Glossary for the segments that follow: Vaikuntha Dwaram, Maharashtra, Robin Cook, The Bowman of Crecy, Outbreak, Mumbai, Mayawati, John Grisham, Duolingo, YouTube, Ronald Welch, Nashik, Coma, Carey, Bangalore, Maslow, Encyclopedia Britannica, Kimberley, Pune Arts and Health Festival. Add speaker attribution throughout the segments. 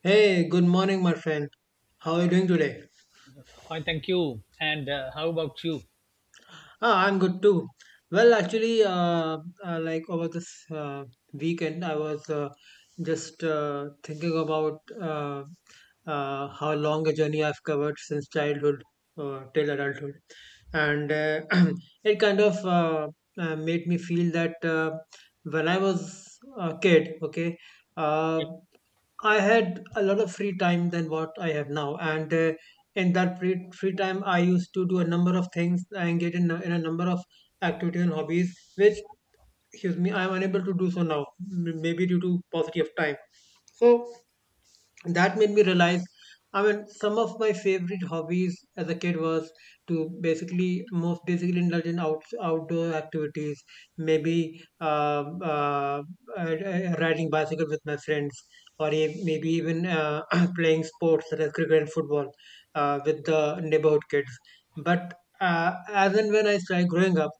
Speaker 1: Hey, good morning, my friend. How are you doing today?
Speaker 2: Fine, thank you. And how about you?
Speaker 1: Ah, I'm good too. Well, actually, uh, like over this weekend, I was just thinking about how long a journey I've covered since childhood till adulthood, and it kind of made me feel that when I was a kid, okay, uh, I had a lot of free time than what I have now, and in that free time, I used to do a number of things I engage in, in a number of activities and hobbies, which, excuse me, I am unable to do so now, maybe due to paucity of time. So and that made me realize. I mean, some of my favorite hobbies as a kid was to basically most basically indulge in outdoor activities, maybe uh, riding bicycle with my friends, or maybe even playing sports such as cricket and football with the neighborhood kids. But uh, as and when I started growing up,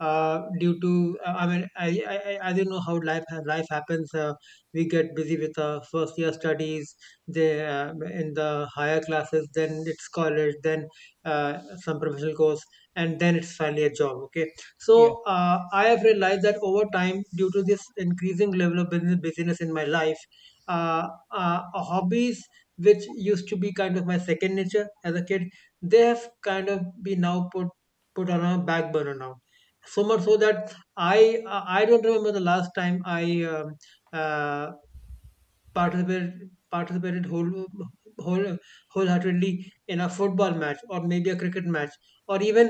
Speaker 1: due to I mean I didn't know how life happens. We get busy with our first year studies, they in the higher classes, then it's college, then uh, some professional course, and then it's finally a job, okay. So
Speaker 2: Yeah, yeah.
Speaker 1: I have realized that over time, due to this increasing level of business busyness in my life, uh, hobbies which used to be kind of my second nature as a kid, they have kind of been now put on a back burner now, so much so that I don't remember the last time I um, uh, participated whole wholeheartedly in a football match or maybe a cricket match, or even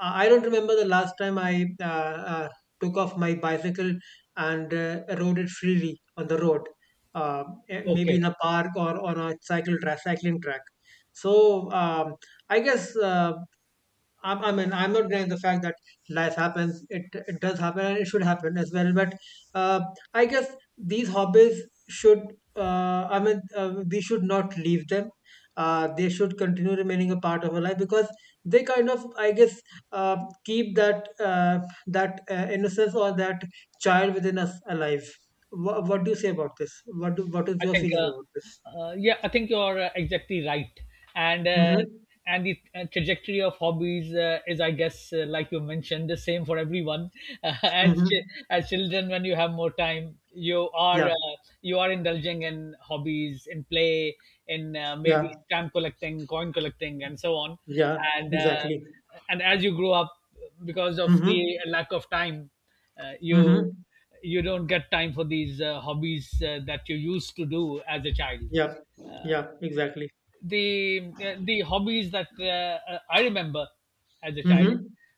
Speaker 1: I don't remember the last time I took off my bicycle and rode it freely on the road, uh, maybe
Speaker 2: Okay.
Speaker 1: in a park or on a cycling track. So I guess. I mean, I'm not denying the fact that life happens. It does happen, and it should happen as well. But uh, I guess these hobbies I mean, we should not leave them. They should continue remaining a part of our life because they kind of, I guess, uh, keep that innocence or that child within us alive. What do you say about this? What is
Speaker 2: I
Speaker 1: your
Speaker 2: think,
Speaker 1: feeling
Speaker 2: uh,
Speaker 1: about this?
Speaker 2: yeah, I think you're exactly right. And uh,
Speaker 1: Mm-hmm.
Speaker 2: and the trajectory of hobbies is, I guess, like you mentioned, the same for everyone. Uh, as ch-
Speaker 1: Mm-hmm.
Speaker 2: as children, when you have more time, you are
Speaker 1: Yeah.
Speaker 2: indulging in hobbies, in play, in maybe
Speaker 1: Yeah.
Speaker 2: stamp collecting, coin collecting, and so on.
Speaker 1: Yeah.
Speaker 2: And uh,
Speaker 1: Exactly.
Speaker 2: and as you grow up, because of
Speaker 1: Mm-hmm.
Speaker 2: the lack of time. You
Speaker 1: Mm-hmm.
Speaker 2: don't get time for these hobbies that you used to do as a child.
Speaker 1: Yeah. Yeah. Exactly.
Speaker 2: The hobbies that I remember as a child
Speaker 1: Mm-hmm.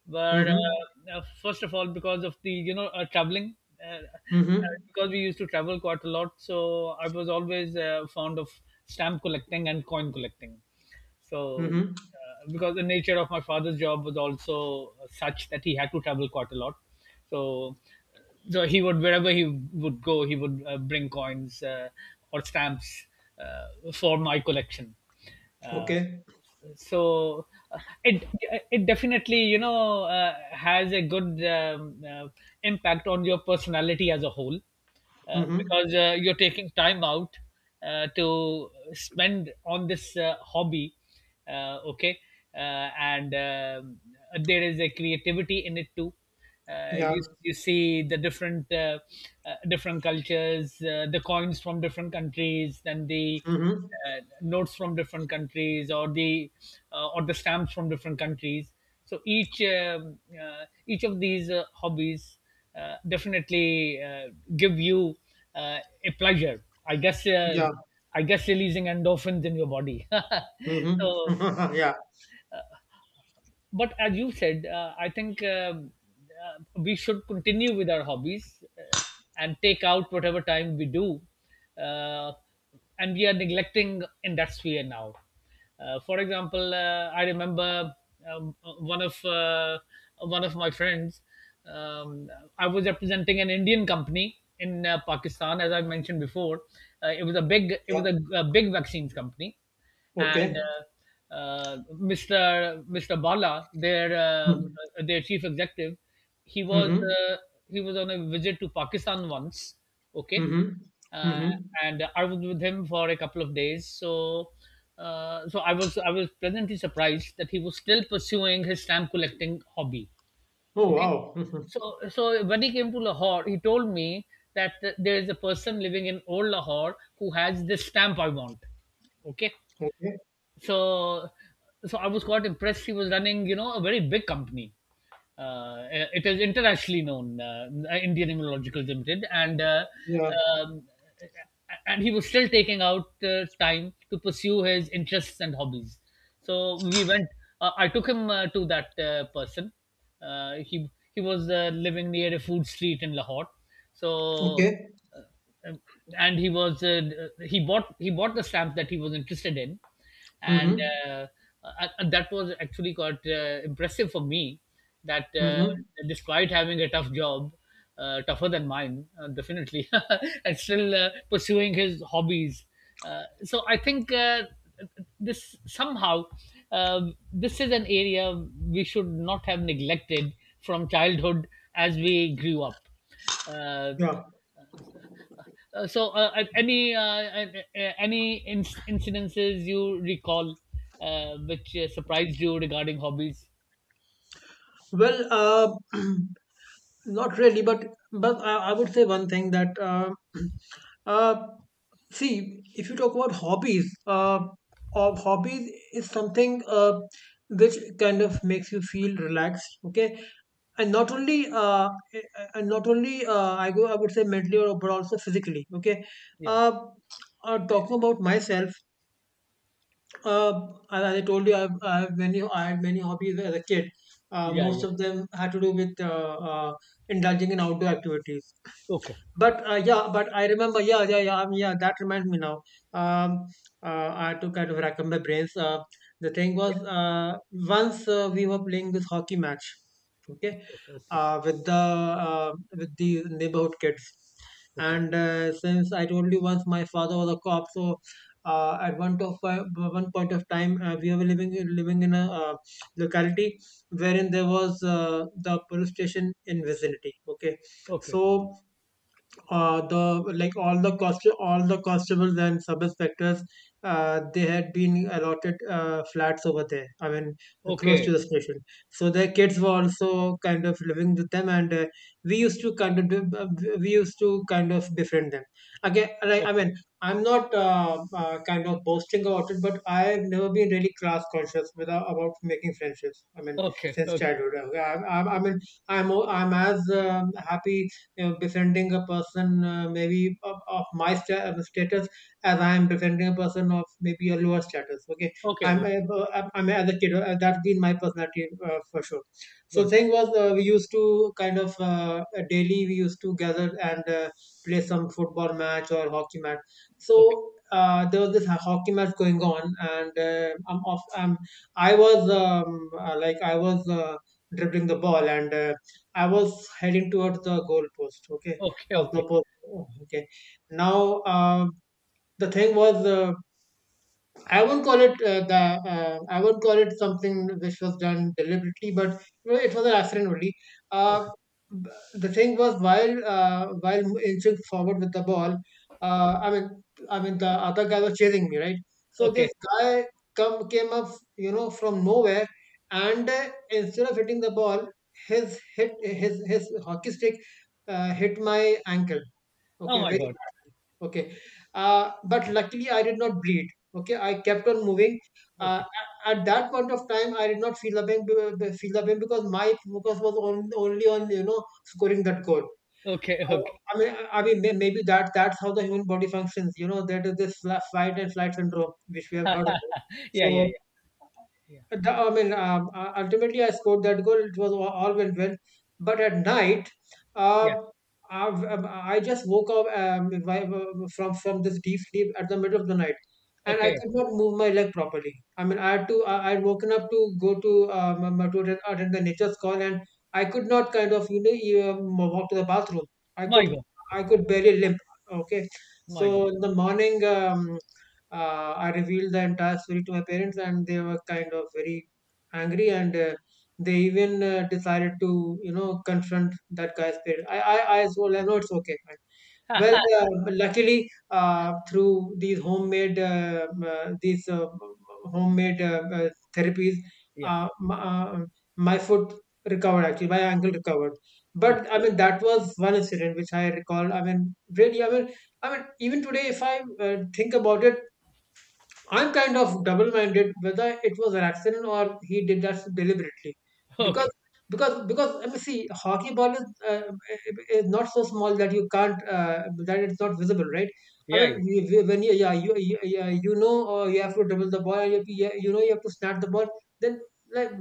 Speaker 2: were
Speaker 1: Mm-hmm.
Speaker 2: first of all because of the traveling. Uh, uh,
Speaker 1: Mm-hmm.
Speaker 2: because we used to travel quite a lot, so I was always fond of stamp collecting and coin collecting. So,
Speaker 1: Mm-hmm.
Speaker 2: because the nature of my father's job was also such that he had to travel quite a lot, so he would wherever he would go, he would bring coins or stamps for my collection. Uh,
Speaker 1: Okay.
Speaker 2: so uh, it it definitely has a good impact on your personality as a whole
Speaker 1: Mm-hmm.
Speaker 2: because you're taking time out to spend on this hobby. Okay and There is a creativity in it too. uh,
Speaker 1: Yeah.
Speaker 2: you you see the different different cultures, the coins from different countries, then the
Speaker 1: Mm-hmm.
Speaker 2: notes from different countries, or the or the stamps from different countries. So each of these hobbies definitely give you a pleasure. I guess uh,
Speaker 1: Yeah.
Speaker 2: I guess releasing endorphins in your body. So
Speaker 1: Mm-hmm. Yeah.
Speaker 2: but as you said, I think we should continue with our hobbies and take out whatever time we do. Uh, and we are neglecting in that sphere now. For example, I remember um, one of uh, one of my friends. Um, I was representing an Indian company in Pakistan, as I mentioned before. It was a big it was
Speaker 1: Yeah.
Speaker 2: a big vaccines company, and
Speaker 1: Okay.
Speaker 2: Mr. Bala,
Speaker 1: Mm-hmm.
Speaker 2: their chief executive, he was
Speaker 1: Mm-hmm.
Speaker 2: uh, he was on a visit to Pakistan once. Okay,
Speaker 1: Mm-hmm.
Speaker 2: uh,
Speaker 1: Mm-hmm.
Speaker 2: and I was with him for a couple of days. So I was pleasantly surprised that he was still pursuing his stamp collecting hobby.
Speaker 1: Oh
Speaker 2: Okay,
Speaker 1: wow. Mm-hmm.
Speaker 2: so when he came to Lahore, he told me that there is a person living in old Lahore who has this stamp I want. Okay,
Speaker 1: Okay.
Speaker 2: so I was quite impressed. She was running, you know, a very big company. It is internationally known, Indian Immunological Limited,
Speaker 1: Yeah.
Speaker 2: um, and he was still taking out time to pursue his interests and hobbies. So we went, I took him to that person. uh, he he was living near a food street in Lahore. so
Speaker 1: Okay.
Speaker 2: um, and he was he bought the stamp that he was interested in. And
Speaker 1: Mm-hmm.
Speaker 2: uh, that was actually quite impressive for me, that
Speaker 1: Mm-hmm.
Speaker 2: despite having a tough job, tougher than mine, definitely, and still pursuing his hobbies. So I think this somehow, this is an area we should not have neglected from childhood as we grew up. Uh,
Speaker 1: Yeah.
Speaker 2: so, any incidences you recall which surprised you regarding hobbies?
Speaker 1: Well, uh, not really, but I would say one thing, that uh, see, if you talk about hobbies, of hobbies is something which kind of makes you feel relaxed. Okay, and not only uh, and not only I would say mentally or but also physically. Okay,
Speaker 2: Yeah,
Speaker 1: uh, talking about myself, as I told you, I have many. I had many hobbies as a kid.
Speaker 2: yeah,
Speaker 1: Most
Speaker 2: yeah.
Speaker 1: of them had to do with uh, indulging in outdoor activities.
Speaker 2: Okay.
Speaker 1: But yeah, but I remember, yeah, yeah, yeah, yeah. That reminds me now. Um, I had to kind of rack up my brains. The thing was,
Speaker 2: Yeah.
Speaker 1: once we were playing this hockey match, okay,
Speaker 2: Okay.
Speaker 1: uh, with the uh, with the neighborhood kids,
Speaker 2: Okay.
Speaker 1: and since I told you once, my father was a cop, so at one point of time, we were living in a locality wherein there was the police station in vicinity. Okay,
Speaker 2: Okay.
Speaker 1: so the like all the constables and sub inspectors they had been allotted flats over there. I mean, close
Speaker 2: Okay.
Speaker 1: to the station, so their kids were also kind of living with them, and we used to kind of we used to kind of befriend them. Again, like, I
Speaker 2: Okay.
Speaker 1: mean, I'm not kind of boasting about it, but I've never been really class conscious without about making friendships. I mean,
Speaker 2: Okay.
Speaker 1: since
Speaker 2: Okay.
Speaker 1: childhood I mean, I'm I'm as happy, you know, befriending a person maybe of my status as I am befriending a person of maybe a lower status. Okay,
Speaker 2: Okay. Okay.
Speaker 1: I'm as a kid. That's been my personality for sure. So
Speaker 2: Good.
Speaker 1: thing was, we used to kind of daily we used to gather and play some football match or hockey match.
Speaker 2: Okay.
Speaker 1: So there was this hockey match going on, and I was I was dribbling the ball and I was heading towards the goal post, okay,
Speaker 2: Okay.
Speaker 1: of the
Speaker 2: Okay.
Speaker 1: post. Oh, Okay. Now, the thing was, I won't call it something which was done deliberately, but you know, it was an accident only.
Speaker 2: Okay.
Speaker 1: Uh, the thing was, while inching forward with the ball, uh, I mean I mean, the other guy was chasing me, right? So this
Speaker 2: Okay.
Speaker 1: guy come came up, you know, from nowhere, and instead of hitting the ball, his hockey stick hit my ankle.
Speaker 2: Oh
Speaker 1: Okay,
Speaker 2: my
Speaker 1: very
Speaker 2: God.
Speaker 1: okay but luckily I did not bleed. Okay, I kept on moving. uh,
Speaker 2: Okay.
Speaker 1: at, at that point of time, I did not feel feel the pain because my focus was only on, you know, scoring that goal.
Speaker 2: Okay. Okay.
Speaker 1: I mean, maybe that's how the human body functions, you know. That is this fight and flight syndrome which we have heard about.
Speaker 2: Yeah.
Speaker 1: So
Speaker 2: Yeah. Yeah. Yeah.
Speaker 1: I mean, ultimately I scored that goal. It was all went well. But at night, uh,
Speaker 2: Yeah.
Speaker 1: i I just woke up from this deep sleep at the middle of the night, and I
Speaker 2: Okay.
Speaker 1: could not move my leg properly. I mean, I had woken up to go to attend the nature's call, and I could not kind of, you know, walk to the bathroom. I
Speaker 2: My
Speaker 1: could
Speaker 2: God.
Speaker 1: I could barely limp. Okay,
Speaker 2: My God.
Speaker 1: so in the morning. I revealed the entire story to my parents, and they were kind of very angry, and they even decided to, you know, confront that guy's parents. I told them, no, it's okay, fine. Well, uh, luckily, through these homemade, these homemade therapies,
Speaker 2: Yeah.
Speaker 1: uh, m- uh, my foot recovered. Actually, my ankle recovered.
Speaker 2: Okay.
Speaker 1: But I mean, that was one incident which I recall. I mean, really, I mean, even today, if I think about it, I'm kind of double-minded whether it was an accident or he did that deliberately, because
Speaker 2: Okay.
Speaker 1: let me see, hockey ball is not so small that you can't that it's not visible, right? I
Speaker 2: Yeah.
Speaker 1: mean,
Speaker 2: Yeah.
Speaker 1: when you you know, you have to dribble the ball, you, you know, you have to snap the ball, then like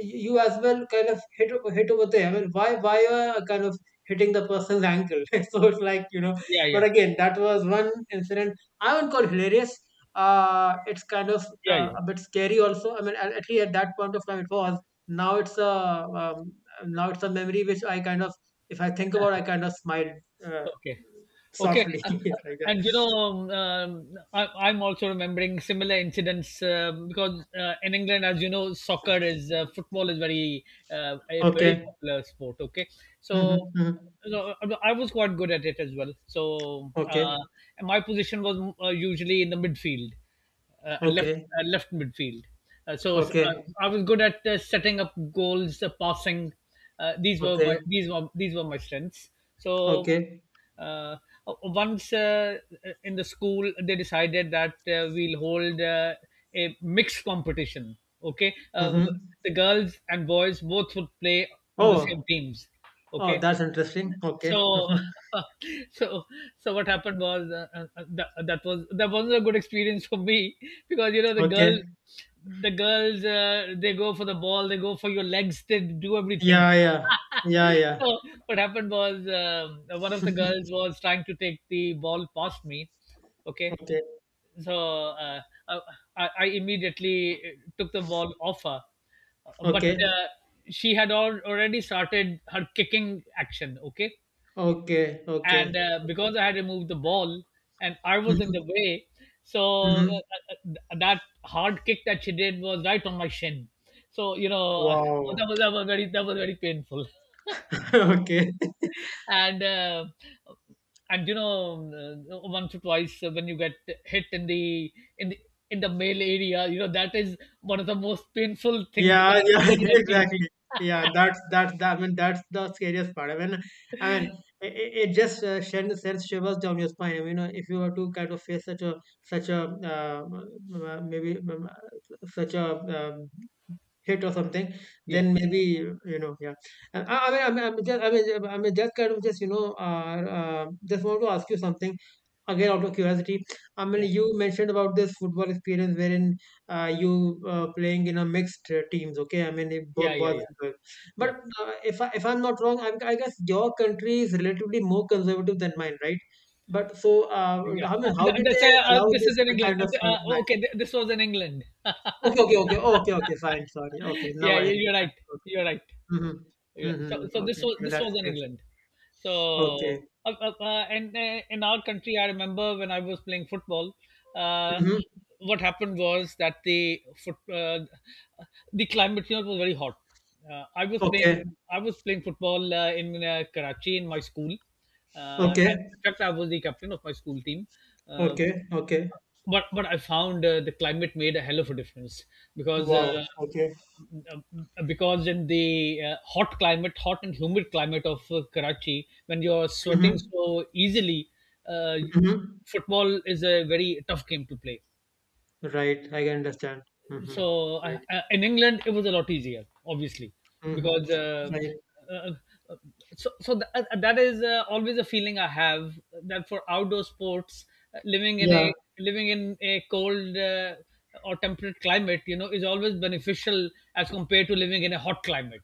Speaker 1: you as well kind of hit over there. I mean, why you are kind of hitting the person's ankle? So it's like, you know,
Speaker 2: Yeah.
Speaker 1: but
Speaker 2: Yeah.
Speaker 1: again, that was one incident. I would call hilarious. It's kind of
Speaker 2: Yeah. Yeah.
Speaker 1: a bit scary also. I mean, at least at that point of time it was. Now it's a um, Now it's a memory which if I think about, I kind of smile uh,
Speaker 2: Okay. Okay.
Speaker 1: softly
Speaker 2: Uh, uh,
Speaker 1: like that.
Speaker 2: and you know, I, I'm also remembering similar incidents because in England, as you know, soccer is football is very a very
Speaker 1: Okay.
Speaker 2: popular sport. Okay, so.
Speaker 1: Mm-hmm, hmm.
Speaker 2: So I was quite good at it as well.
Speaker 1: Okay.
Speaker 2: My position was usually in the midfield, uh, left
Speaker 1: Okay.
Speaker 2: left midfield. Uh, so uh,
Speaker 1: Okay.
Speaker 2: I was good at setting up goals, passing. These were my
Speaker 1: Okay.
Speaker 2: these were my strengths. So
Speaker 1: Okay.
Speaker 2: uh, Once in the school they decided that we'll hold a mixed competition, okay,
Speaker 1: Mm-hmm.
Speaker 2: the girls and boys both would play on the same
Speaker 1: Oh.
Speaker 2: teams.
Speaker 1: Oh,
Speaker 2: Okay,
Speaker 1: that's interesting. Okay.
Speaker 2: so
Speaker 1: Mm-hmm.
Speaker 2: so so what happened was that, that was that wasn't a good experience for me because you know
Speaker 1: Okay.
Speaker 2: the girls they go for the ball, they go for your legs, they do everything.
Speaker 1: Yeah. Yeah. Yeah. Yeah.
Speaker 2: So what happened was, one of the girls was trying to take the ball past me. Okay,
Speaker 1: Okay.
Speaker 2: so uh, I, immediately took the ball off her. But
Speaker 1: Okay.
Speaker 2: She had already started her kicking action. Okay,
Speaker 1: Okay. Okay.
Speaker 2: and
Speaker 1: Okay.
Speaker 2: because I had removed the ball and I was in
Speaker 1: Mm-hmm.
Speaker 2: the way, so
Speaker 1: Mm-hmm.
Speaker 2: that hard kick that she did was right on my shin. So you know, that
Speaker 1: Wow.
Speaker 2: was that was very painful.
Speaker 1: Okay.
Speaker 2: and uh, and you know, once or twice, when you get hit in the in the male area, you know, that is one of the most painful things you
Speaker 1: Yeah,
Speaker 2: can
Speaker 1: yeah,
Speaker 2: ever feel.
Speaker 1: exactly. Yeah, that's I mean that's the scariest part. I mean it just sends shivers down your spine. I mean, you know, if you were to kind of face such a such a maybe such a um, hit or something,
Speaker 2: Yeah,
Speaker 1: then maybe you know, yeah. I mean, just kind of just, you know, just want to ask you something. Again, out of curiosity, I mean,
Speaker 2: yeah,
Speaker 1: you mentioned about this football experience wherein you playing in a mixed teams. Okay, I mean if both
Speaker 2: yeah, yeah,
Speaker 1: boys
Speaker 2: yeah,
Speaker 1: and girls,
Speaker 2: yeah,
Speaker 1: but if I'm not wrong, I guess your country is relatively more conservative than mine, right? But so uh,
Speaker 2: yeah.
Speaker 1: I mean how
Speaker 2: Th-
Speaker 1: did
Speaker 2: that's,
Speaker 1: they allow
Speaker 2: this
Speaker 1: this
Speaker 2: is in england
Speaker 1: kind of
Speaker 2: th-
Speaker 1: match?
Speaker 2: okay th- This was in England.
Speaker 1: Okay, okay, okay, oh, okay, okay, fine, sorry, okay, now
Speaker 2: Yeah,
Speaker 1: I
Speaker 2: yeah, you're
Speaker 1: understand.
Speaker 2: right.
Speaker 1: Okay.
Speaker 2: You're right.
Speaker 1: Mm-hmm.
Speaker 2: Yeah. So,
Speaker 1: Mm-hmm. Okay, yeah,
Speaker 2: this was
Speaker 1: that's
Speaker 2: in
Speaker 1: it.
Speaker 2: England. So
Speaker 1: Okay.
Speaker 2: and In our country, I remember, when I was playing football, uh,
Speaker 1: Mm-hmm.
Speaker 2: what happened was that the climate here was very hot.
Speaker 1: Okay,
Speaker 2: I was playing football in Karachi in my school. And
Speaker 1: okay,
Speaker 2: In fact, I was the captain of my school team. Uh,
Speaker 1: okay, okay,
Speaker 2: but I found the climate made a hell of a difference, because uh,
Speaker 1: wow, okay.
Speaker 2: because in the hot climate, hot and humid climate of Karachi, when you're sweating
Speaker 1: Mhm,
Speaker 2: so easily, uh,
Speaker 1: mhm.
Speaker 2: football is a very tough game to play.
Speaker 1: Right, I can understand. Mhm.
Speaker 2: So
Speaker 1: Right.
Speaker 2: in England, it was a lot easier, obviously,
Speaker 1: Mhm.
Speaker 2: because
Speaker 1: Right.
Speaker 2: uh, uh, that is always a feeling I have, that for outdoor sports, uh, living in
Speaker 1: Yeah.
Speaker 2: a living in a cold or temperate climate, you know, is always beneficial as compared to living in a hot climate.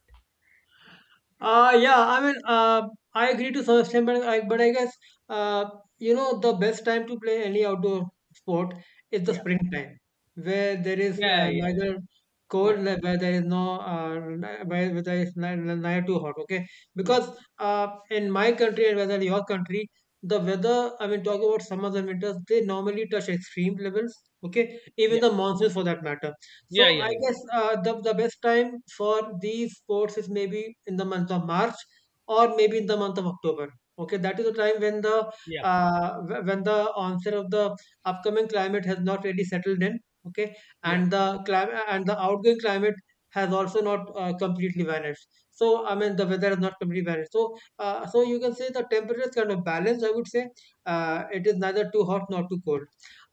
Speaker 1: Yeah, I mean, I agree to some extent, but but I guess, uh, you know, the best time to play any outdoor sport is the
Speaker 2: Yeah,
Speaker 1: springtime, where there is
Speaker 2: yeah, yeah,
Speaker 1: neither
Speaker 2: yeah,
Speaker 1: cold, where there is no, where there is neither too hot, okay?
Speaker 2: yeah,
Speaker 1: Because in my country and whether your country, the weather, I mean, talk about summers and winters, they normally touch extreme levels, okay? Even the monsoons for that matter.
Speaker 2: yeah,
Speaker 1: So
Speaker 2: yeah,
Speaker 1: I
Speaker 2: yeah, yeah,
Speaker 1: guess the best time for these sports is maybe in the month of March or maybe in the month of October. Okay, that is the time when the
Speaker 2: yeah,
Speaker 1: uh, wh- when the onset of the upcoming climate has not really settled in. Okay,
Speaker 2: yeah.
Speaker 1: and the climate and the outgoing climate has also not completely vanished. So I mean the weather has not completely vanished. So you can say the temperature is kind of balanced. I would say it is neither too hot nor too cold.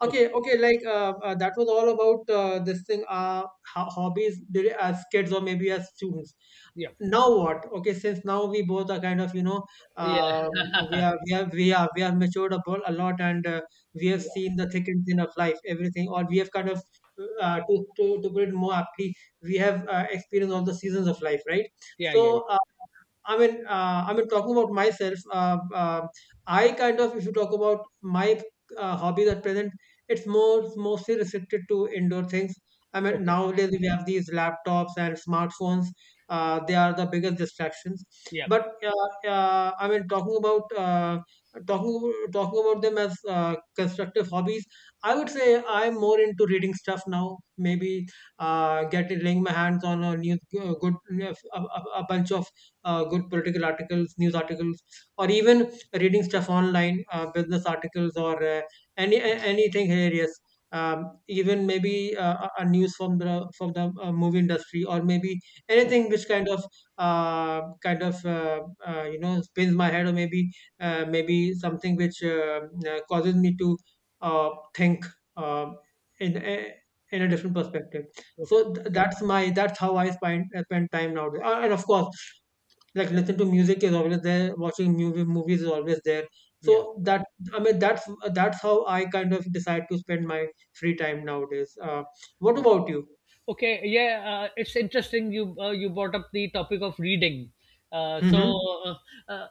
Speaker 2: Okay,
Speaker 1: Okay, okay, like that was all about this thing, hobbies did as kids or maybe as students.
Speaker 2: yeah,
Speaker 1: Now what? Okay, since now we both are kind of, you know,
Speaker 2: yeah,
Speaker 1: um, we are matured a lot, and we have
Speaker 2: yeah,
Speaker 1: seen the thick and thin of life, everything, or we have kind of to put it more aptly, we have experienced all the seasons of life, right?
Speaker 2: yeah, yeah. Yeah.
Speaker 1: So talking about myself, I kind of, if you talk about my hobbies at present, it's more mostly restricted to indoor things. I mean,
Speaker 2: Okay,
Speaker 1: nowadays we have these laptops and smartphones. They are the biggest distractions.
Speaker 2: yeah,
Speaker 1: But I mean, talking about them as constructive hobbies, I would say I'm more into reading stuff now. Maybe getting laying my hands on a new good a bunch of good political articles, news articles, or even reading stuff online, business articles, or anything hilarious. Even maybe a news from the movie industry, or maybe
Speaker 2: okay,
Speaker 1: anything which kind of you know spins my head, or maybe something which causes me to uh, think uh, in a, in a different perspective.
Speaker 2: okay,
Speaker 1: So that's how I spend time nowadays. And of course, like listening to music is always there, watching movies is always there.
Speaker 2: yeah.
Speaker 1: So that, I mean that's how I kind of decide to spend my free time nowadays. What about you?
Speaker 2: Okay, yeah, it's interesting you you brought up the topic of reading. Uh, so,
Speaker 1: Mm-hmm.
Speaker 2: uh, uh,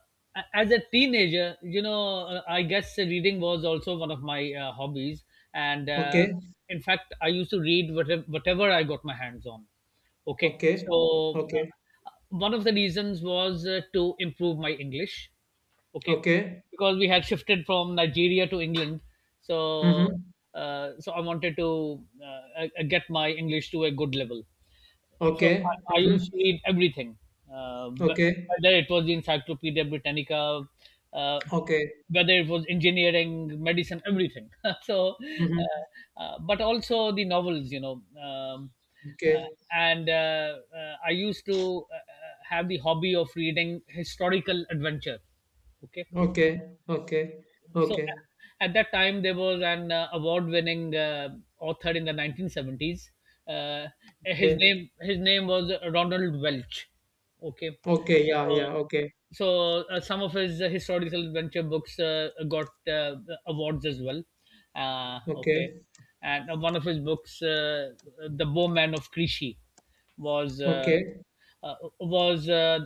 Speaker 2: as a teenager, you know, I guess reading was also one of my hobbies, and
Speaker 1: Okay,
Speaker 2: in fact, I used to read whatever I got my hands on. Okay,
Speaker 1: okay,
Speaker 2: so
Speaker 1: okay,
Speaker 2: one of the reasons was to improve my English. Okay,
Speaker 1: okay.
Speaker 2: because we had shifted from Nigeria to England. So,
Speaker 1: Mm-hmm.
Speaker 2: so I wanted to get my English to a good level. So
Speaker 1: Okay.
Speaker 2: I used to
Speaker 1: Mm-hmm.
Speaker 2: read everything, uh, wh-
Speaker 1: Okay,
Speaker 2: whether it was the Encyclopedia Britannica, uh,
Speaker 1: okay.
Speaker 2: whether it was engineering, medicine, everything. so,
Speaker 1: Mm-hmm.
Speaker 2: but also the novels, you know. Uh,
Speaker 1: Okay,
Speaker 2: and I used to have the hobby of reading historical adventure. Okay,
Speaker 1: okay, okay,
Speaker 2: so
Speaker 1: okay,
Speaker 2: at that time there was an award-winning author in the 1970s. Uh,
Speaker 1: okay,
Speaker 2: his name was Ronald Welch. Okay,
Speaker 1: okay. Yeah,
Speaker 2: so
Speaker 1: yeah. Okay,
Speaker 2: some of his historical adventure books got awards as well. Okay,
Speaker 1: okay,
Speaker 2: and one of his books, The Bowman of Crecy, was. Uh,
Speaker 1: okay,
Speaker 2: uh, was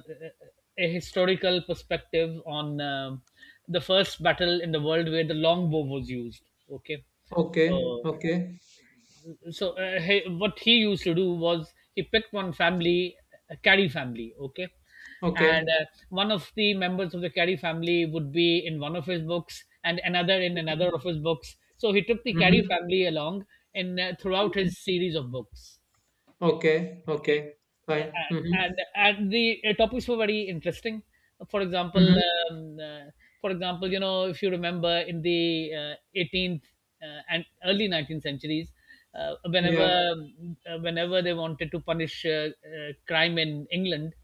Speaker 2: a historical perspective on, the first battle in the world where the longbow was used. Okay,
Speaker 1: okay,
Speaker 2: so
Speaker 1: okay,
Speaker 2: what he used to do was he picked one family, a Carey family. Okay, and
Speaker 1: okay.
Speaker 2: one of the members of the Carey family would be in one of his books, and another in another of his books. So he took the Carey
Speaker 1: Mm-hmm.
Speaker 2: family along in throughout his series of books
Speaker 1: Okay, okay,
Speaker 2: okay Uh,
Speaker 1: fine.
Speaker 2: and and,
Speaker 1: Mm-hmm.
Speaker 2: and the topics were very interesting, for example
Speaker 1: Mhm.
Speaker 2: uh, for example, you know, if you remember in the uh, 18th and early 19th centuries,
Speaker 1: Yeah.
Speaker 2: whenever they wanted to punish crime in england,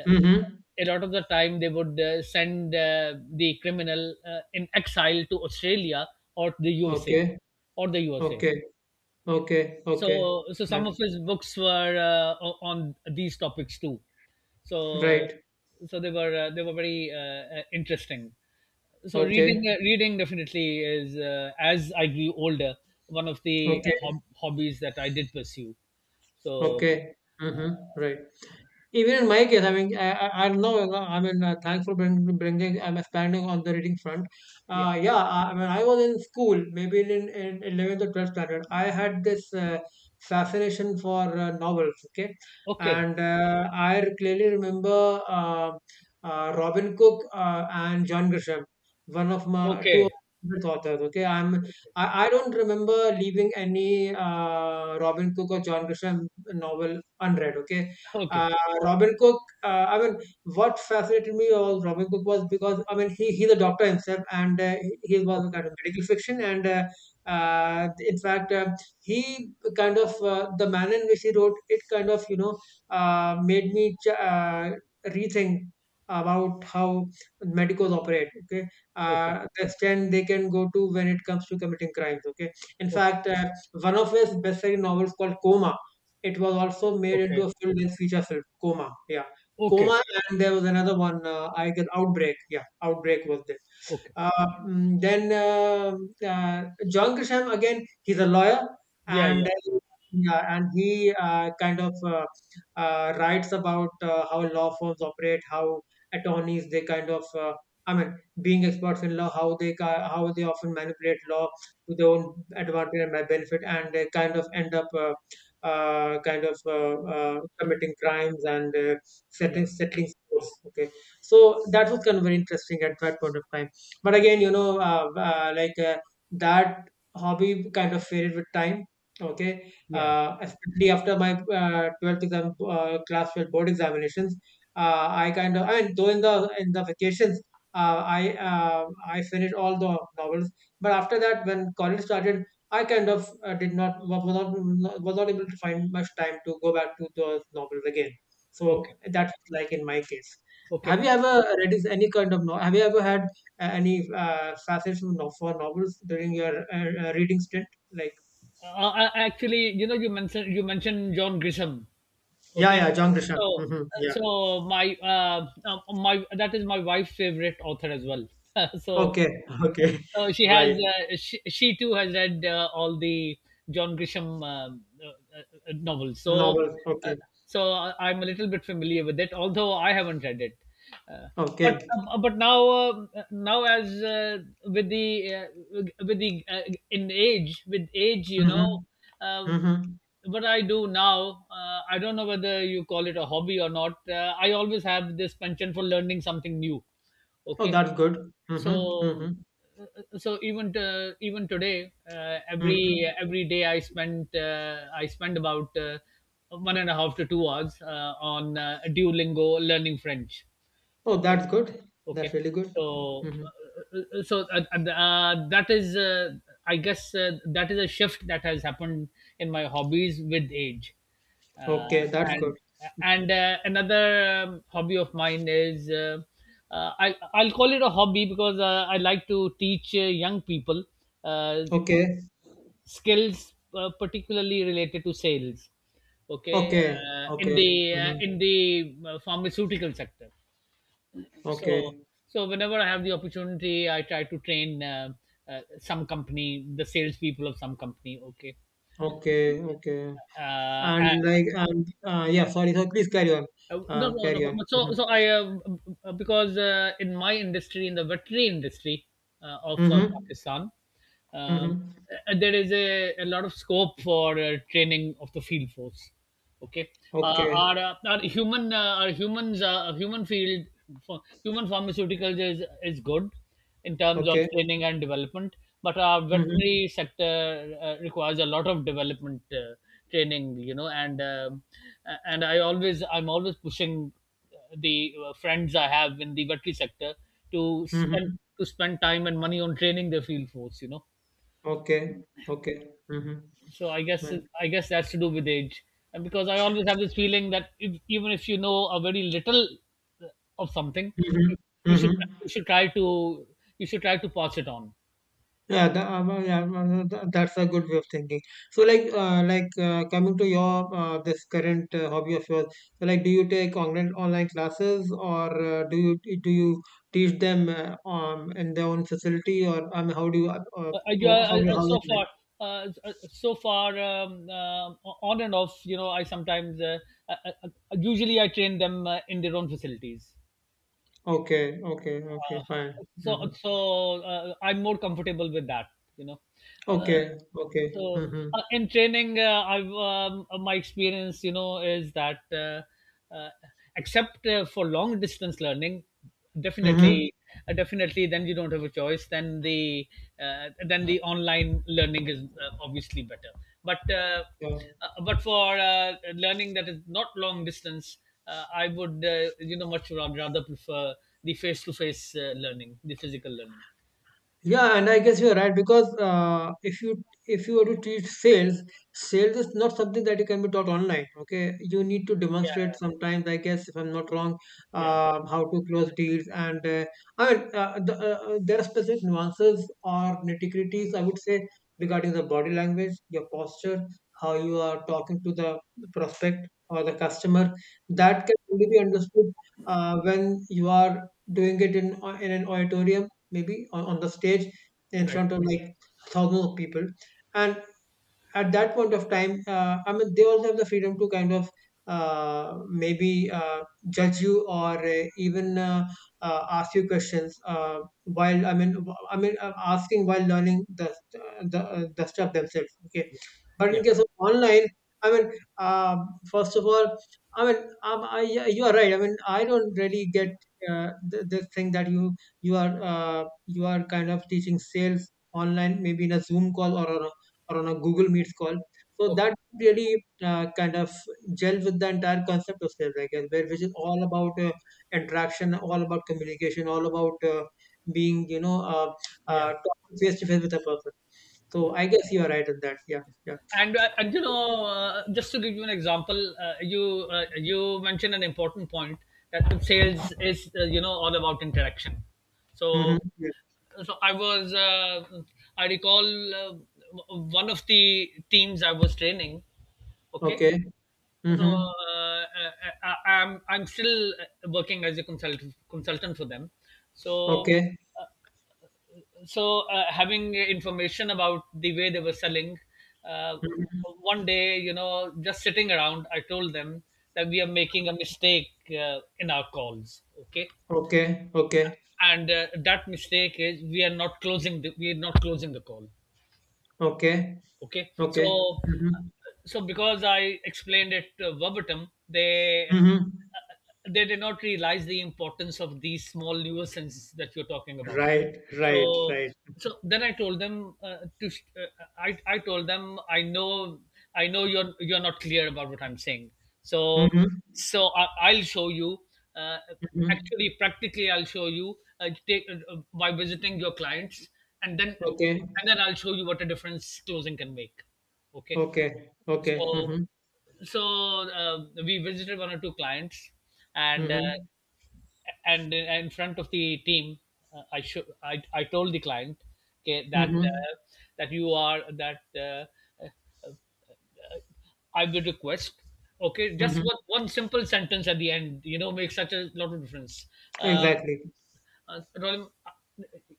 Speaker 2: uh,
Speaker 1: Mhm.
Speaker 2: a lot of the time they would send the criminal in exile to australia or the
Speaker 1: Okay.
Speaker 2: usa.
Speaker 1: Okay. Okay. Okay.
Speaker 2: So some of
Speaker 1: Fine.
Speaker 2: his books were on these topics too. So,
Speaker 1: Right.
Speaker 2: so they were very interesting. So reading
Speaker 1: Okay.
Speaker 2: reading definitely is, as I grew older, one of the
Speaker 1: Okay.
Speaker 2: hobbies that I did pursue. So
Speaker 1: Okay. Mhm. Right. Even in my case, I mean, I don't know. You know, I mean, thanks for bringing. I'm expanding on the reading front.
Speaker 2: yeah,
Speaker 1: Yeah, I mean, I was in school, maybe in 11th or 12th standard. I had this fascination for novels. Okay,
Speaker 2: okay,
Speaker 1: and I clearly remember Robin Cook and John Grisham, one of my two of
Speaker 2: okay,
Speaker 1: my favorite authors. Okay, I don't remember leaving any Robin Cook or John Grisham novel unread. Okay.
Speaker 2: okay,
Speaker 1: uh, Robin Cook, I mean, what fascinated me about Robin Cook was because, I mean, he's a doctor himself, and he was a
Speaker 2: okay,
Speaker 1: kind of medical fiction. And in fact, the manner in which he wrote it kind of, you know, made me rethink about how medicals operate, okay?
Speaker 2: okay,
Speaker 1: The extent they can go to when it comes to committing crimes, okay? In
Speaker 2: okay,
Speaker 1: fact, one of his best-selling novels called Coma, it was also made into
Speaker 2: okay,
Speaker 1: a full-length feature film, Coma. Yeah,
Speaker 2: okay,
Speaker 1: Coma, and there was another one. I guess Outbreak. Yeah, Outbreak was there.
Speaker 2: okay.
Speaker 1: Uh, then uh, John Grisham again, he's a lawyer,
Speaker 2: Yeah,
Speaker 1: and
Speaker 2: yeah,
Speaker 1: yeah, and he kind of writes about how law firms operate, how attorneys they kind of. I mean, being experts in law, how they often manipulate law to their own advantage and benefit, and they kind of end up kind of committing crimes and
Speaker 2: yeah,
Speaker 1: settling scores. Okay, so that was kind of very interesting at that point of time. But again, you know, like that hobby kind of faded with time. Okay,
Speaker 2: yeah.
Speaker 1: especially after my 12th exam, class 12 board examinations, I kind of, I mean, though in the vacations, I finished all the novels. But after that, when college started, I kind of did not was not was not able to find much time to go back to those novels again. So
Speaker 2: Okay,
Speaker 1: that was like in my case.
Speaker 2: okay.
Speaker 1: Have you ever read any kind of novel? Have you ever had any fascination for novels during your reading stint? Like
Speaker 2: Uh, Actually, you know, you mentioned John Grisham.
Speaker 1: yeah,
Speaker 2: okay
Speaker 1: yeah, John Grisham.
Speaker 2: so
Speaker 1: Yeah.
Speaker 2: so my, that is my wife's favorite author as well. so
Speaker 1: Okay. Okay.
Speaker 2: Oh, she has.
Speaker 1: Right.
Speaker 2: She too has read all the John Grisham novels.
Speaker 1: Novels.
Speaker 2: Uh,
Speaker 1: Okay.
Speaker 2: so I- I'm a little bit familiar with it, although I haven't read it. Uh,
Speaker 1: Okay.
Speaker 2: but now, now as with the uh, with the in age with age, you know.
Speaker 1: Mm-hmm.
Speaker 2: Um,
Speaker 1: Mm-hmm.
Speaker 2: what I do now, I don't know whether you call it a hobby or not. I always have this penchant for learning something new.
Speaker 1: Oh,
Speaker 2: Okay,
Speaker 1: that's good. Mm-hmm.
Speaker 2: so
Speaker 1: Mm-hmm.
Speaker 2: so even today, every
Speaker 1: Mm-hmm.
Speaker 2: every day I spend about one and a half to 2 hours on duolingo learning french,
Speaker 1: Oh,
Speaker 2: okay.
Speaker 1: that's good. That's
Speaker 2: Okay.
Speaker 1: really good.
Speaker 2: So,
Speaker 1: Mm-hmm.
Speaker 2: so that is, I guess, that is a shift that has happened in my hobbies with age. Uh,
Speaker 1: Okay, that's good.
Speaker 2: and and another hobby of mine is, I, I'll call it a hobby because I like to teach young people uh,
Speaker 1: Okay,
Speaker 2: skills, particularly related to sales. Okay,
Speaker 1: okay,
Speaker 2: uh, in
Speaker 1: okay,
Speaker 2: the uh,
Speaker 1: mhm,
Speaker 2: in the uh, pharmaceutical sector. So
Speaker 1: okay,
Speaker 2: so whenever I have the opportunity, I try to train some company, the salespeople of some company. Okay.
Speaker 1: okay, okay.
Speaker 2: Uh,
Speaker 1: And
Speaker 2: I-
Speaker 1: like, and yeah, sorry, so please carry on.
Speaker 2: no, no, no.
Speaker 1: Carry on.
Speaker 2: but- So,
Speaker 1: Mm-hmm,
Speaker 2: so I, because in my industry, in the veterinary industry of
Speaker 1: mm-hmm,
Speaker 2: Pakistan, um,
Speaker 1: mm-hmm.
Speaker 2: there is a lot of scope for training of the field force. Okay,
Speaker 1: Okay,
Speaker 2: our human our humans human field for human pharmaceuticals is good, in terms of
Speaker 1: okay,
Speaker 2: training and development. But our
Speaker 1: mm-hmm,
Speaker 2: veterinary sector requires a lot of development, training, you know, and and I'm always pushing the friends I have in the veterinary sector to spend,
Speaker 1: mm-hmm.
Speaker 2: to spend time and money on training their field force, you know.
Speaker 1: Okay, okay, mm-hmm.
Speaker 2: So I guess
Speaker 1: Right.
Speaker 2: I guess that's to do with age, and because I always have this feeling that, if, even if you know a very little uh, of something,
Speaker 1: Mm-hmm,
Speaker 2: you should
Speaker 1: mm-hmm.
Speaker 2: you should try to you should try to pass it on.
Speaker 1: Yeah, well, yeah, well, no, that's a good way of thinking. So, like, coming to your this current hobby of yours, so like, do you take online classes, or do you teach them in their own facility, or how do you
Speaker 2: I,
Speaker 1: how's
Speaker 2: so
Speaker 1: it like?
Speaker 2: far, uh, uh, so far, um, uh, on and off, you know, I sometimes, I, I, usually I train them in their own facilities.
Speaker 1: Okay, okay, okay,
Speaker 2: Uh,
Speaker 1: fine. Mm-hmm.
Speaker 2: I'm more comfortable with that, you know. Uh,
Speaker 1: Okay, okay. Mm-hmm.
Speaker 2: in training, I've, my experience, you know, is that, except for long distance learning,
Speaker 1: Mm-hmm.
Speaker 2: definitely, definitely, then you don't have a choice. Then the online learning is, obviously better. But uh,
Speaker 1: Yeah.
Speaker 2: but for learning that is not long distance, I would, you know, much rather prefer the face to face learning, the physical learning.
Speaker 1: Yeah, and I guess you're right because if you were to teach sales is not something that you can be taught online. Okay, you need to demonstrate
Speaker 2: Yeah,
Speaker 1: sometimes. I guess if I'm not wrong,
Speaker 2: yeah,
Speaker 1: how to close deals, and I mean uh, the, uh, there are specific nuances or nitty gritties. I would say, regarding the body language, your posture, how you are talking to the prospect or the customer.
Speaker 2: yeah,
Speaker 1: That can only be understood when you are doing it in an auditorium, maybe on the stage, in
Speaker 2: right.
Speaker 1: front of like thousands of people, and at that point of time, I mean, they also have the freedom to kind of maybe judge you, or even ask you questions while I mean, asking while learning the stuff themselves. Okay, but
Speaker 2: Yeah,
Speaker 1: in case of online, I mean, uh, first of all, I mean, yeah, you are right. I mean, I don't really get the thing that you are kind of teaching sales online, maybe in a Zoom call, or on a Google Meets call. So
Speaker 2: okay.
Speaker 1: that really kind of gel with the entire concept of sales, I guess, where which is all about interaction, all about communication, all about being, you know,
Speaker 2: Yeah,
Speaker 1: talking face to face with a person. So
Speaker 2: yeah.
Speaker 1: I guess you are right in that. Yeah, yeah.
Speaker 2: And you know, just to give you an example, you mentioned an important point, that sales is, you know, all about interaction.
Speaker 1: Mm-hmm.
Speaker 2: So
Speaker 1: Yeah.
Speaker 2: so I was, I recall uh, one of the teams I was training. Okay.
Speaker 1: Okay.
Speaker 2: So uh,
Speaker 1: Mm-hmm.
Speaker 2: I, I, I'm still working as a consultant for them. So
Speaker 1: Okay.
Speaker 2: so having information about the way they were selling, uh,
Speaker 1: Mm-hmm.
Speaker 2: one day, you know, just sitting around, I told them that we are making a mistake in our calls. Okay,
Speaker 1: Okay. Okay.
Speaker 2: and that mistake is we are not closing the call.
Speaker 1: Okay.
Speaker 2: Okay,
Speaker 1: Okay.
Speaker 2: so
Speaker 1: Mm-hmm.
Speaker 2: so because I explained it verbatim,
Speaker 1: Mm-hmm.
Speaker 2: they did not realize the importance of these small nuisances that you're talking about.
Speaker 1: Right. Right.
Speaker 2: So,
Speaker 1: Right.
Speaker 2: so then I told them, I told them, I know you're not clear about what I'm saying. So
Speaker 1: Mm-hmm.
Speaker 2: so I, I'll show you. Uh,
Speaker 1: Mm-hmm.
Speaker 2: Actually, practically, I'll show you. Take By visiting your clients, and then
Speaker 1: Okay.
Speaker 2: and then I'll show you what a difference closing can make. Okay.
Speaker 1: Okay. Okay.
Speaker 2: So,
Speaker 1: Mm-hmm.
Speaker 2: so we visited one or two clients, and,
Speaker 1: Mm-hmm.
Speaker 2: in front of the team, I told the client, okay, that
Speaker 1: Mm-hmm.
Speaker 2: that you are that I will request. Okay, just
Speaker 1: Mm-hmm.
Speaker 2: one, one simple sentence at the end, you know, makes such a lot of difference. Uh,
Speaker 1: Exactly.
Speaker 2: Rolim,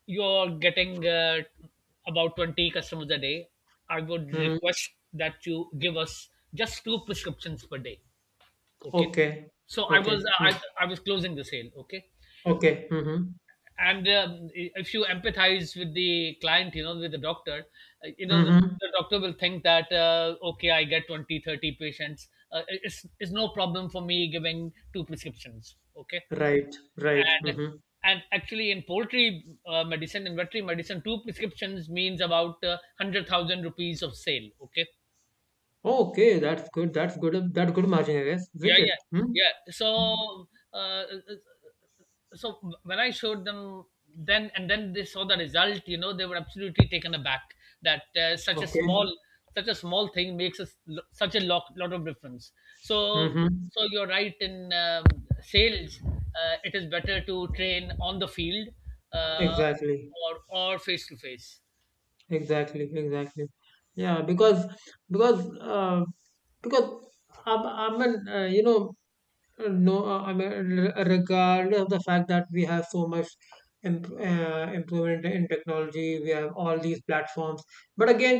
Speaker 2: you're getting about 20 customers a day. I would
Speaker 1: Mm-hmm.
Speaker 2: request that you give us just two prescriptions per day. Okay.
Speaker 1: Okay.
Speaker 2: So I was,
Speaker 1: Okay. Mm.
Speaker 2: I was closing the sale. Okay.
Speaker 1: Okay. Mm-hmm.
Speaker 2: And if you empathize with the client, you know, with the doctor, you know, the,
Speaker 1: Mm-hmm.
Speaker 2: the doctor will think that, okay, I get 20, 30 patients. It's no problem for me giving two prescriptions. Okay,
Speaker 1: Right. Right.
Speaker 2: and,
Speaker 1: Mm-hmm.
Speaker 2: actually in poultry medicine, in veterinary medicine, two prescriptions means about 100,000 rupees of sale, okay.
Speaker 1: Okay. That's good. That's good. That's good margin, I guess, isn't
Speaker 2: yeah
Speaker 1: it?
Speaker 2: yeah
Speaker 1: Mm?
Speaker 2: yeah so uh, uh, so when I showed them, then and then they saw the result, you know, they were absolutely taken aback that such a small
Speaker 1: Okay.
Speaker 2: such a small thing makes us such a lot of difference. So
Speaker 1: Mm-hmm.
Speaker 2: so you're right, in sales, it is better to train on the field uh,
Speaker 1: Exactly.
Speaker 2: or face to face.
Speaker 1: Exactly. Exactly. Yeah. Because uh, because I mean you know, no, I mean, regardless of the fact that we have so much improvement in technology, we have all these platforms. But again,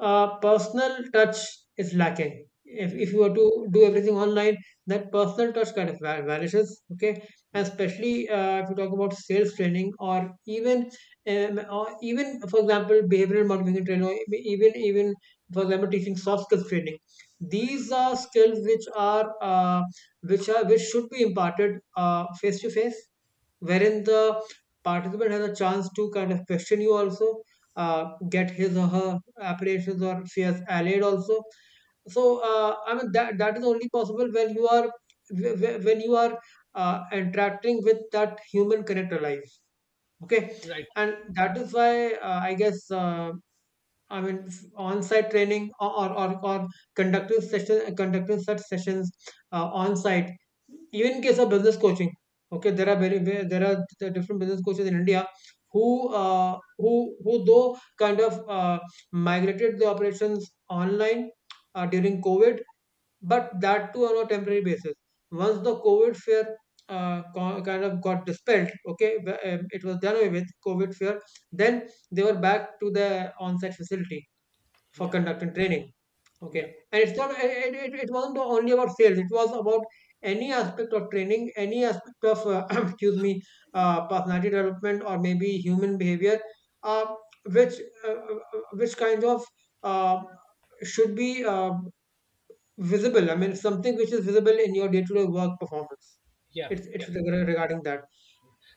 Speaker 1: personal touch is lacking.
Speaker 2: Yeah,
Speaker 1: If you were to do everything online, that personal touch kind of vanishes. Okay, and
Speaker 2: yeah,
Speaker 1: especially if you talk about sales training or even for example behavioral motivation training, or even for example teaching soft skills training. These are skills which are which should be imparted face to face, wherein the participant has a chance to kind of question you also, uh, get his or her apprehensions or fears allayed also. So I mean that is only possible when you are wh- when you are interacting with that human connector life. Okay,
Speaker 2: right, right.
Speaker 1: and that is why I guess. I mean, on-site training or conducting such sessions on-site. Even in case of business coaching, okay, there are there are different business coaches in India who uh, who who though kind of migrated the operations online during COVID, but that too on a temporary basis. Once the COVID fear kind of got dispelled, okay, it was done away with COVID fear. Then they were back to the on-site facility for
Speaker 2: Yeah,
Speaker 1: conducting training.
Speaker 2: yeah,
Speaker 1: Okay, and it wasn't only about sales. It was about any aspect of training, any aspect of excuse me, personality development or maybe human behavior, uh, which uh, uh, which kind of uh, should be visible. I mean, something which is visible in your day-to-day work performance.
Speaker 2: yeah,
Speaker 1: It's it's
Speaker 2: yeah.
Speaker 1: reg- regarding that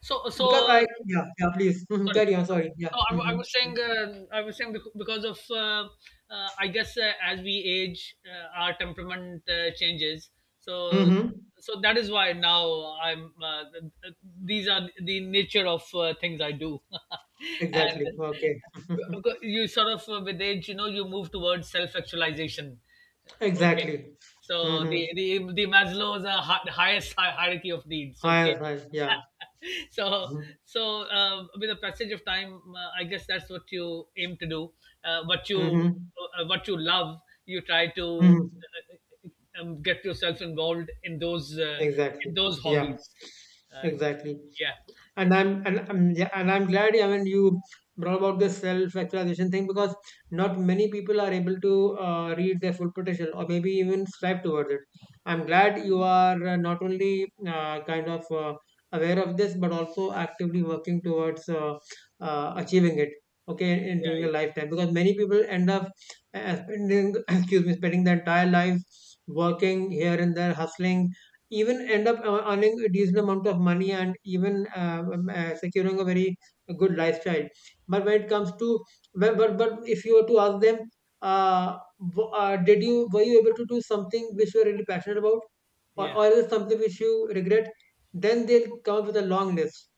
Speaker 2: So
Speaker 1: because I,
Speaker 2: so
Speaker 1: yeah, yeah, please. Mhm,
Speaker 2: sorry.
Speaker 1: carry on.
Speaker 2: Sorry.
Speaker 1: Sorry, yeah.
Speaker 2: So I, wa- I
Speaker 1: Hmm.
Speaker 2: was saying, because of, I guess, as we age, our temperament changes. So,
Speaker 1: Hmm.
Speaker 2: so that is why now I'm, these are the nature of things I do, and
Speaker 1: Exactly. Okay.
Speaker 2: because you sort of, with age, you know, you move towards self-actualization. Okay,
Speaker 1: Exactly.
Speaker 2: so the
Speaker 1: Mm-hmm.
Speaker 2: Maslow's, hierarchy of needs.
Speaker 1: Hi,
Speaker 2: Okay,
Speaker 1: hi, yeah.
Speaker 2: so
Speaker 1: Mm-hmm.
Speaker 2: so with the passage of time, I guess that's what you aim to do, uh, what you
Speaker 1: Mm-hmm.
Speaker 2: what you love, you try to
Speaker 1: Mm-hmm.
Speaker 2: get yourself involved
Speaker 1: Exactly.
Speaker 2: in those
Speaker 1: Yeah,
Speaker 2: hobbies, uh,
Speaker 1: exactly.
Speaker 2: yeah, yeah,
Speaker 1: And I'm yeah, and I'm glad, I mean, you brought about this self-actualization thing because not many people are able to reach their full potential or maybe even strive towards it. I'm glad you are not only kind of aware of this but also actively working towards achieving it. Okay, in during
Speaker 2: yeah,
Speaker 1: a lifetime because many people end up spending excuse me, spending their entire lives working here and there, hustling, even end up earning a decent amount of money and even securing a very good lifestyle. But when it comes to, but if you were to ask them, uh, did you, were you able to do something which you were really passionate about,
Speaker 2: yeah,
Speaker 1: or is it something which you regret? Then they'll come up with a long list.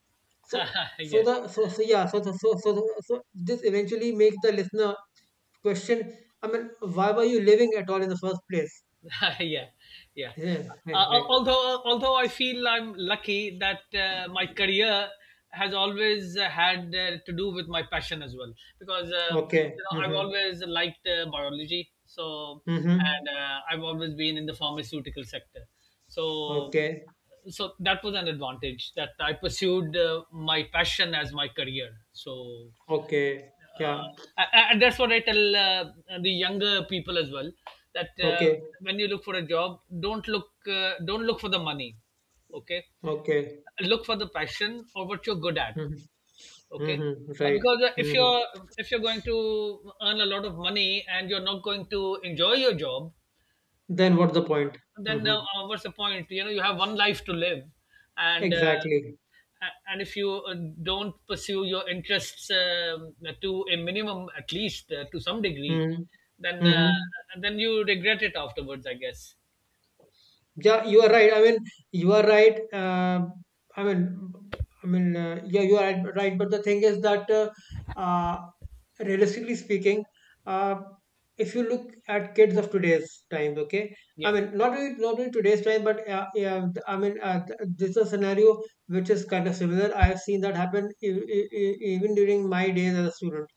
Speaker 1: So
Speaker 2: yeah.
Speaker 1: so
Speaker 2: Yeah.
Speaker 1: the so, so yeah so so so so, so this eventually makes the listener question. I mean, why were you living at all in the first place?
Speaker 2: Yeah, yeah.
Speaker 1: Yeah, like like,
Speaker 2: Although I feel I'm lucky that my career has always had to do with my passion as well, because,
Speaker 1: okay.
Speaker 2: you know, I've
Speaker 1: Mhm.
Speaker 2: always liked biology,
Speaker 1: Mm-hmm.
Speaker 2: and I've always been in the pharmaceutical sector, so
Speaker 1: Okay.
Speaker 2: so that was an advantage that I pursued my passion as my career.
Speaker 1: Okay. Yeah.
Speaker 2: Uh, and that's what I tell the younger people as well, that
Speaker 1: Okay.
Speaker 2: when you look for a job, don't look for the money, okay?
Speaker 1: Okay.
Speaker 2: Look for the passion, or what you're good at,
Speaker 1: Mm-hmm.
Speaker 2: okay?
Speaker 1: Mm-hmm. Right.
Speaker 2: Because
Speaker 1: Mm-hmm.
Speaker 2: if you're going to earn a lot of money and you're not going to enjoy your job,
Speaker 1: Then what's the point?
Speaker 2: then,
Speaker 1: Mm-hmm.
Speaker 2: what's the point? You know, you have one life to live, and,
Speaker 1: Exactly.
Speaker 2: and if you don't pursue your interests, to a minimum, at least to some degree,
Speaker 1: Mm-hmm.
Speaker 2: then,
Speaker 1: Mm-hmm.
Speaker 2: then you regret it afterwards, I guess.
Speaker 1: Yeah, you are right. I mean, you are right. Um, I mean, I mean, yeah, you are right. Right, but the thing is that, uh, realistically speaking, uh, if you look at kids of today's time, okay, I
Speaker 2: Yeah,
Speaker 1: mean, not only today's time, but yeah, I mean, this is a scenario which is kind of similar. I have seen that happen even during my days as a student.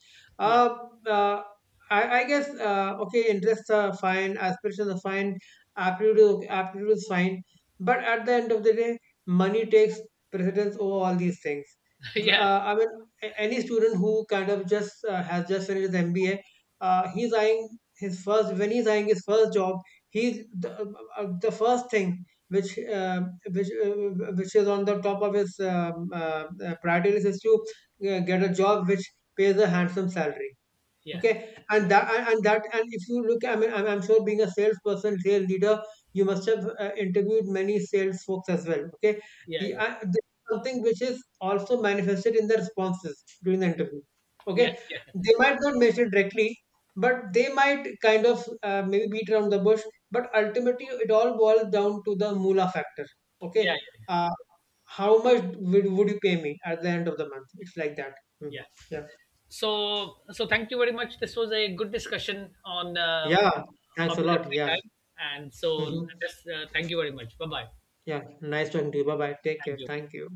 Speaker 2: yeah,
Speaker 1: Uh, uh, I guess okay, interests are fine, aspirations are fine, absolutely, absolutely is fine. But at the end of the day, money takes precedence over all these things.
Speaker 2: yeah,
Speaker 1: I mean, any student who kind of just finished his MBA, he's eyeing his first when he's eyeing his first job. He's the, the first thing which uh, which is on the top of his priority list is to get a job which pays a handsome salary,
Speaker 2: yeah,
Speaker 1: okay,
Speaker 2: yeah,
Speaker 1: and if you look, I mean, I'm sure, being a salesperson, sales leader, you must have interviewed many sales folks as well, okay.
Speaker 2: yeah, yeah,
Speaker 1: This is something which is also manifested in the responses during the interview, okay.
Speaker 2: yeah, yeah,
Speaker 1: They might not mention it directly, but they might kind of maybe beat around the bush, but ultimately it all boils down to the moolah factor, okay.
Speaker 2: yeah,
Speaker 1: uh, how much would you pay me at the end of the month? It's like that. Mhm.
Speaker 2: yeah, yeah.
Speaker 1: Yeah,
Speaker 2: So thank you very much. This was a good discussion on
Speaker 1: yeah, thanks a
Speaker 2: hobbies of
Speaker 1: lot,
Speaker 2: free
Speaker 1: yeah.
Speaker 2: time, and so
Speaker 1: Hmm.
Speaker 2: let's, thank you very much. Bye bye.
Speaker 1: Yeah, nice talking to you. Bye bye. Take care.
Speaker 2: Thank you.
Speaker 1: Thank you.